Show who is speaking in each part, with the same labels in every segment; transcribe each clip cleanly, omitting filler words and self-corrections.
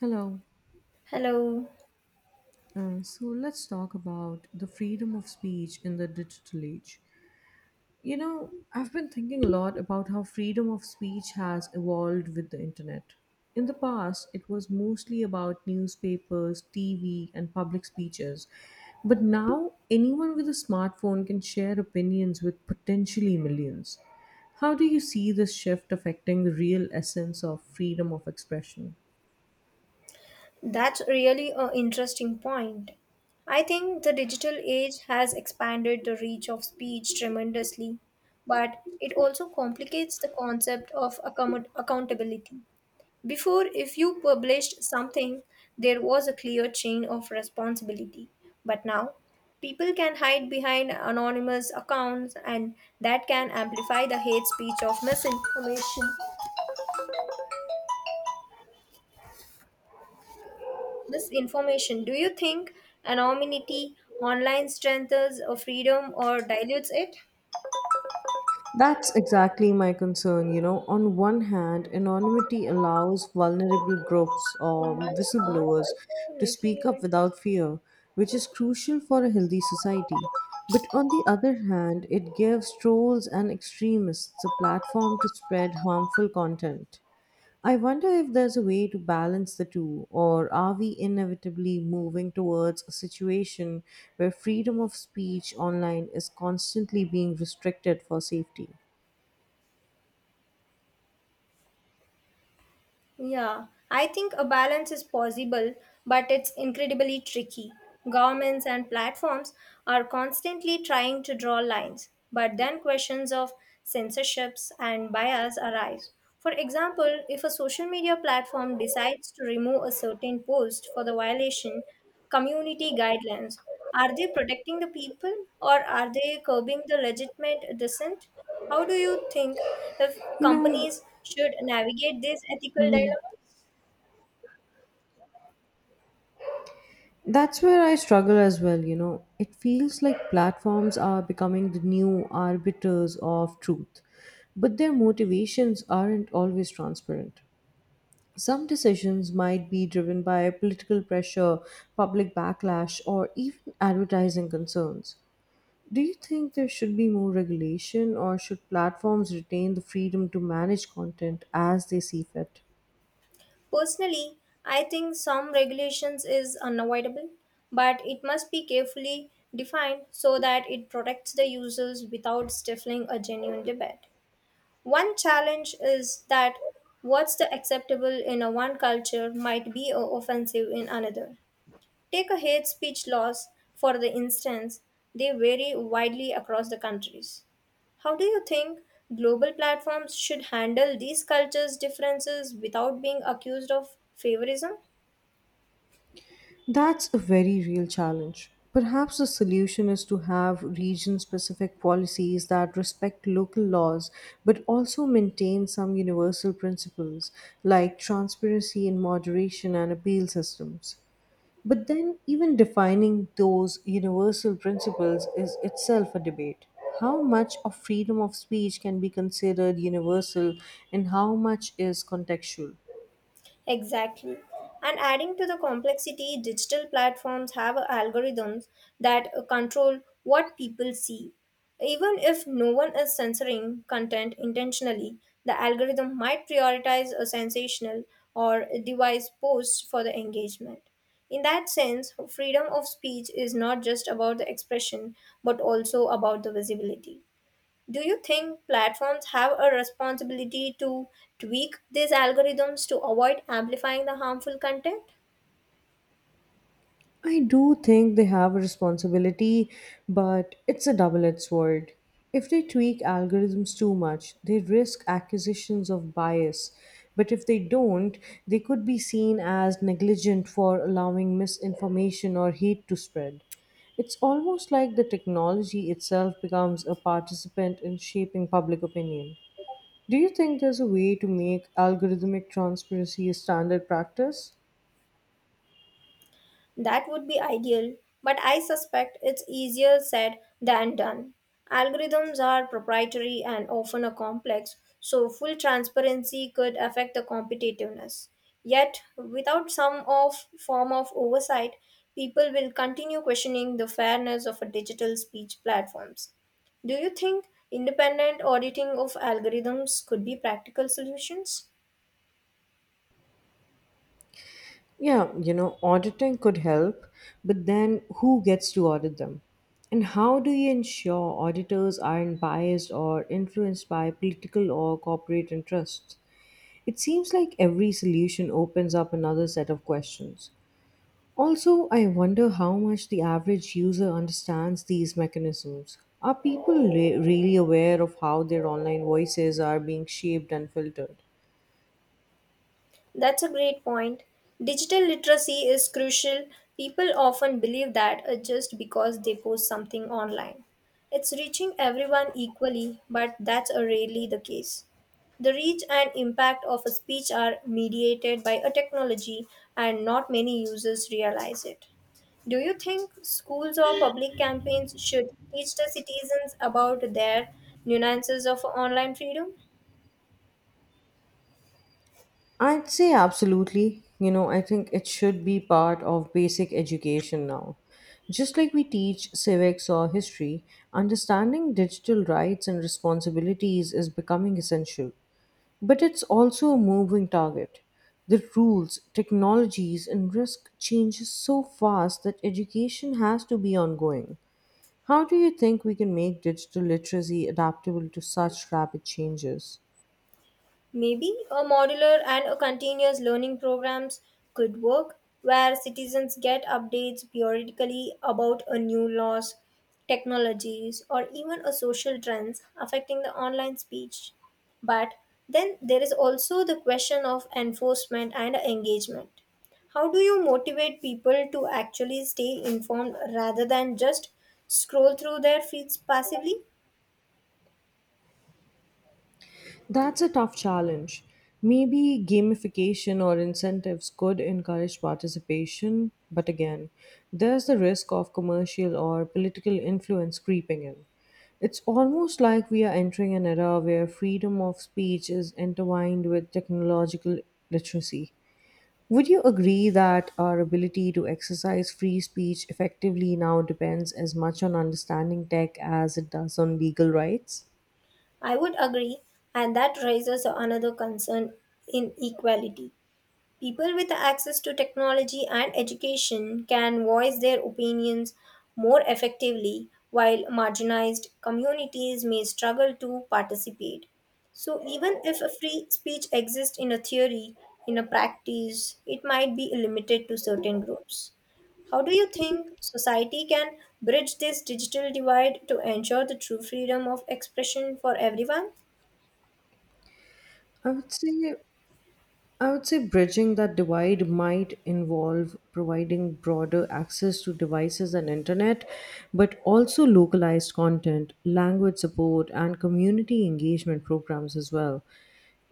Speaker 1: Hello.
Speaker 2: Hello,
Speaker 1: So let's talk about the freedom of speech in the digital age. You know, I've been thinking a lot about how freedom of speech has evolved with the internet. In the past, it was mostly about newspapers, TV, and public speeches. But now, anyone with a smartphone can share opinions with potentially millions. How do you see this shift affecting the real essence of freedom of expression?
Speaker 2: that's really an interesting point. I think the digital age has expanded the reach of speech tremendously, but it also complicates the concept of accountability. Before, if you published something, there was a clear chain of responsibility, but now people can hide behind anonymous accounts and that can amplify the hate speech of misinformation. This information, do you think anonymity online strengthens a freedom or dilutes it?
Speaker 1: That's exactly my concern. You know, on one hand, anonymity allows vulnerable groups
Speaker 2: Oh
Speaker 1: or
Speaker 2: my god, why
Speaker 1: whistleblowers
Speaker 2: are you
Speaker 1: to
Speaker 2: making me
Speaker 1: speak up
Speaker 2: like
Speaker 1: without
Speaker 2: this?
Speaker 1: fear, which is crucial for a healthy society. But on the other hand, it gives trolls and extremists a platform to spread harmful content. I wonder if there's a way to balance the two, or are we inevitably moving towards a situation where freedom of speech online is constantly being restricted for safety?
Speaker 2: Yeah, I think a balance is possible, but it's incredibly tricky. Governments and platforms are constantly trying to draw lines, but then questions of censorships and bias arise. For example, if a social media platform decides to remove a certain post for the violation community guidelines, are they protecting the people or are they curbing the legitimate dissent? How do you think if
Speaker 1: You know,
Speaker 2: companies should navigate these ethical
Speaker 1: mm,
Speaker 2: dilemmas?
Speaker 1: that's where I struggle as well. You know, it feels like platforms are becoming the new arbiters of truth, but their motivations aren't always transparent. Some decisions might be driven by political pressure, public backlash, or even advertising concerns. Do you think there should be more regulation, or should platforms retain the freedom to manage content as they see fit?
Speaker 2: Personally, I think some regulations is unavoidable, but it must be carefully defined so that it protects the users without stifling a genuine debate. One challenge is that what's the acceptable in a one culture might be offensive in another. Take a hate speech laws, for the instance, they vary widely across the countries. How do you think global platforms should handle these cultures' differences without being accused of favorism?
Speaker 1: That's a very real challenge. Perhaps the solution is to have region specific policies that respect local laws but also maintain some universal principles like transparency and moderation and appeal systems. But then, even defining those universal principles is itself a debate. How much of freedom of speech can be considered universal and how much is contextual?
Speaker 2: Exactly. And adding to the complexity, digital platforms have algorithms that control what people see. Even if no one is censoring content intentionally, the algorithm might prioritize a sensational or device post for the engagement. In that sense, freedom of speech is not just about the expression but also about the visibility. Do you think platforms have a responsibility to tweak these algorithms to avoid amplifying the harmful content?
Speaker 1: I do think they have a responsibility, but it's a double edged sword. If they tweak algorithms too much, they risk accusations of bias. But if they don't, they could be seen as negligent for allowing misinformation or hate to spread. It's almost like the technology itself becomes a participant in shaping public opinion. Do you think there's a way to make algorithmic transparency a standard practice?
Speaker 2: That would be ideal, but I suspect it's easier said than done. Algorithms are proprietary and often are complex, so full transparency could affect the competitiveness. Yet, without some of form of oversight, people will continue questioning the fairness of a digital speech platforms. Do you think independent auditing of algorithms could be practical solutions?
Speaker 1: Yeah, you know, auditing could help, but then who gets to audit them? And how do you ensure auditors aren't biased or influenced by political or corporate interests? It seems like every solution opens up another set of questions. Also, I wonder how much the average user understands these mechanisms. Are people really aware of how their online voices are being shaped and filtered?
Speaker 2: That's a great point. Digital literacy is crucial. People often believe that just because they post something online. It's reaching everyone equally, but that's rarely the case. The reach and impact of a speech are mediated by a technology, and not many users realize it. Do you think schools or public campaigns should teach the citizens about their nuances of online freedom?
Speaker 1: I'd say absolutely. You know, I think it should be part of basic education now. Just like we teach civics or history, understanding digital rights and responsibilities is becoming essential. But it's also a moving target. The rules, technologies, and risk changes so fast that education has to be ongoing. How do you think we can make digital literacy adaptable to such rapid changes?
Speaker 2: Maybe a modular and a continuous learning programs could work where citizens get updates periodically about a new laws, technologies or even a social trends affecting the online speech. But then there is also the question of enforcement and engagement. How do you motivate people to actually stay informed rather than just scroll through their feeds passively?
Speaker 1: That's a tough challenge. Maybe gamification or incentives could encourage participation, but again, there's the risk of commercial or political influence creeping in. It's almost like we are entering an era where freedom of speech is intertwined with technological literacy. Would you agree that our ability to exercise free speech effectively now depends as much on understanding tech as it does on legal rights?
Speaker 2: I would agree, and that raises another concern inequality. People with access to technology and education can voice their opinions more effectively, while marginalized communities may struggle to participate. So, even if a free speech exists in a theory, in a practice, it might be limited to certain groups. How do you think society can bridge this digital divide to ensure the true freedom of expression for everyone?
Speaker 1: I would say I would say bridging that divide might involve providing broader access to devices and internet, but also localized content, language support, and community engagement programs as well.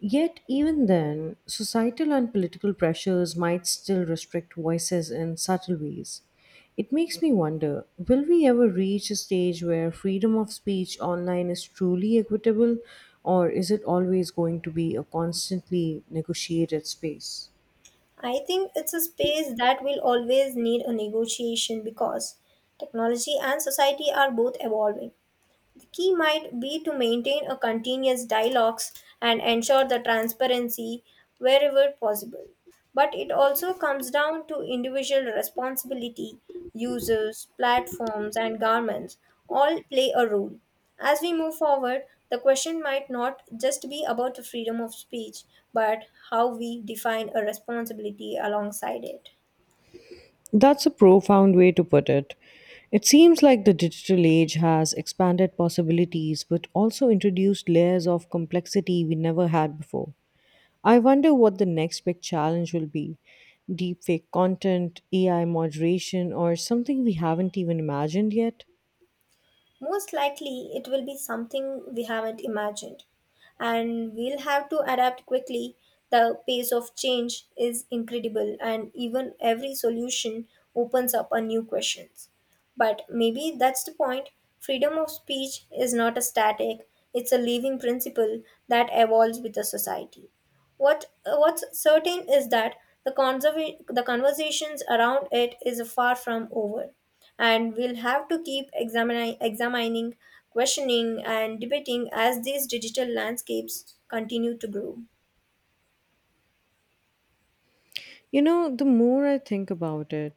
Speaker 1: Yet, even then, societal and political pressures might still restrict voices in subtle ways. It makes me wonder will we ever reach a stage where freedom of speech online is truly equitable, or is it always going to be a constantly negotiated space?
Speaker 2: I think it's a space that will always need a negotiation because technology and society are both evolving. The key might be to maintain a continuous dialogues and ensure the transparency wherever possible. But it also comes down to individual responsibility, users, platforms, and governments all play a role. As we move forward, the question might not just be about the freedom of speech, but how we define a responsibility alongside it.
Speaker 1: That's a profound way to put it. It seems like the digital age has expanded possibilities but also introduced layers of complexity we never had before. I wonder what the next big challenge will be deepfake content, AI moderation, or something we haven't even imagined yet.
Speaker 2: Most likely, it will be something we haven't imagined, and we'll have to adapt quickly. The pace of change is incredible, and even every solution opens up a new questions. But maybe that's the point. Freedom of speech is not a static; it's a living principle that evolves with the society. What's certain is that the conversations around it is far from over and we'll have to keep examining, questioning, and debating as these digital landscapes continue to grow.
Speaker 1: You know, the more I think about it,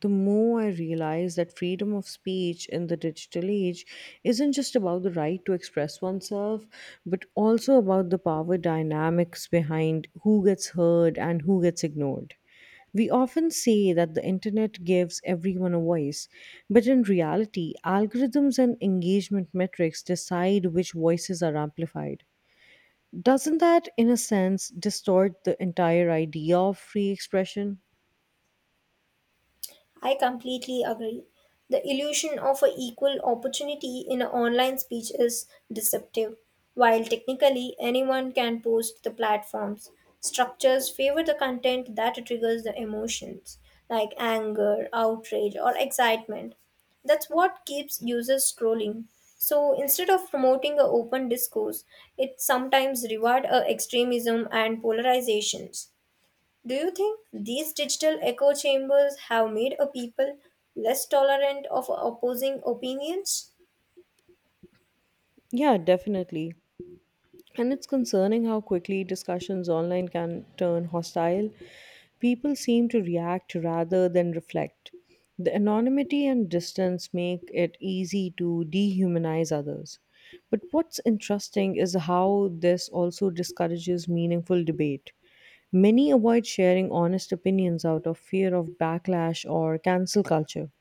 Speaker 1: the more I realize that freedom of speech in the digital age isn't just about the right to express oneself, but also about the power dynamics behind who gets heard and who gets ignored. We often say that the internet gives everyone a voice, but in reality, algorithms and engagement metrics decide which voices are amplified. Doesn't that, in a sense, distort the entire idea of free expression?
Speaker 2: I completely agree. The illusion of a equal opportunity in an online speech is deceptive. While technically anyone can post the platforms, structures favor the content that triggers the emotions like anger, outrage, or excitement. That's what keeps users scrolling. So instead of promoting an open discourse, it sometimes rewards extremism and polarizations. Do you think these digital echo chambers have made a people less tolerant of opposing opinions?
Speaker 1: Yeah, definitely. And it's concerning how quickly discussions online can turn hostile. People seem to react rather than reflect. The anonymity and distance make it easy to dehumanize others. But what's interesting is how this also discourages meaningful debate. Many avoid sharing honest opinions out of fear of backlash or cancel culture.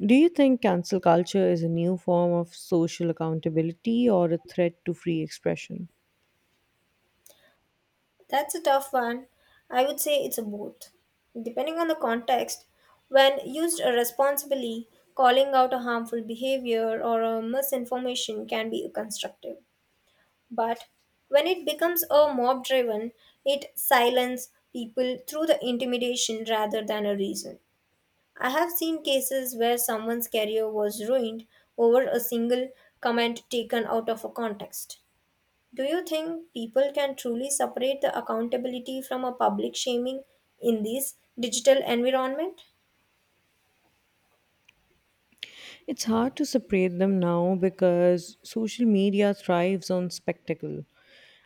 Speaker 1: Do you think cancel culture is a new form of social accountability or a threat to free expression?
Speaker 2: That's a tough one. I would say it's a both. Depending on the context, when used responsibly, calling out a harmful behavior or a misinformation can be constructive. But when it becomes a mob driven, it silences people through the intimidation rather than a reason. I have seen cases where someone's career was ruined over a single comment taken out of a context. Do you think people can truly separate the accountability from a public shaming in this digital environment?
Speaker 1: It's hard to separate them now because social media thrives on spectacle.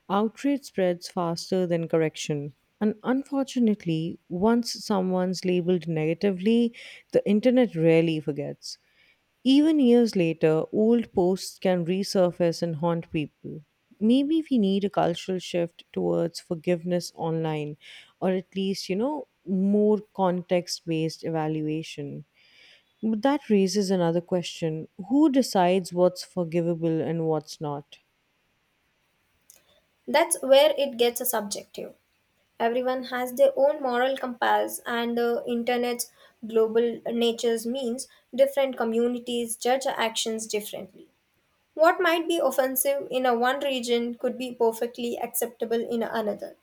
Speaker 1: Outrage spreads faster than correction. And unfortunately, once someone's labeled negatively, the internet rarely forgets. Even years later, old posts can resurface and haunt people. Maybe we need a cultural shift towards forgiveness online, or at least, you know, more context based evaluation. But that raises another question who decides what's forgivable and what's not?
Speaker 2: That's where it gets subjective. Everyone has their own moral compass, and the internet's global natures means different communities judge actions differently. What might be offensive in a one region could be perfectly acceptable in another.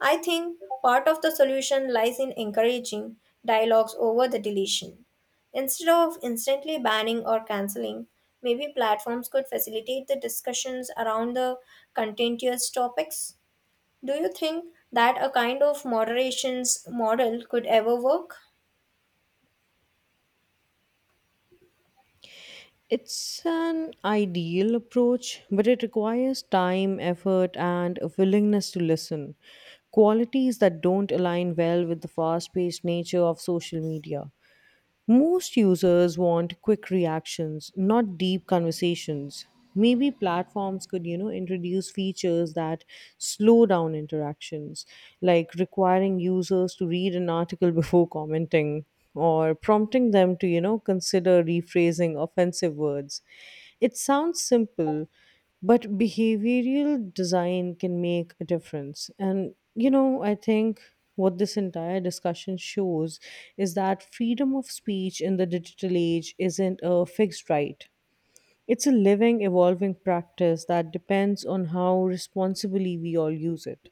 Speaker 2: I think part of the solution lies in encouraging dialogues over the deletion. Instead of instantly banning or canceling, maybe platforms could facilitate the discussions around the contentious topics. Do you think that a kind of moderations model could ever work?
Speaker 1: It's an ideal approach, but it requires time, effort, and a willingness to listen. Qualities that don't align well with the fast paced nature of social media. Most users want quick reactions, not deep conversations. Maybe platforms could, you know, introduce features that slow down interactions, like requiring users to read an article before commenting or prompting them to, you know, consider rephrasing offensive words. It sounds simple, but behavioral design can make a difference, and you know, I think what this entire discussion shows is that freedom of speech in the digital age isn't a fixed right. It's a living evolving practice that depends on how responsibly we all use it.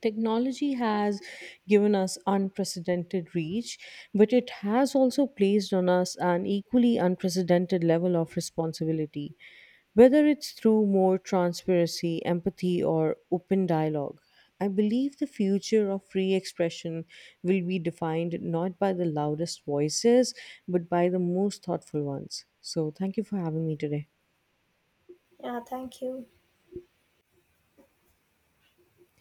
Speaker 1: Technology has given us unprecedented reach, but it has also placed on us an equally unprecedented level of responsibility. Whether it's through more transparency, empathy, or open dialogue, I believe the future of free expression will be defined not by the loudest voices, but by the most thoughtful ones. So, thank you for having me today.
Speaker 2: Yeah, thank you.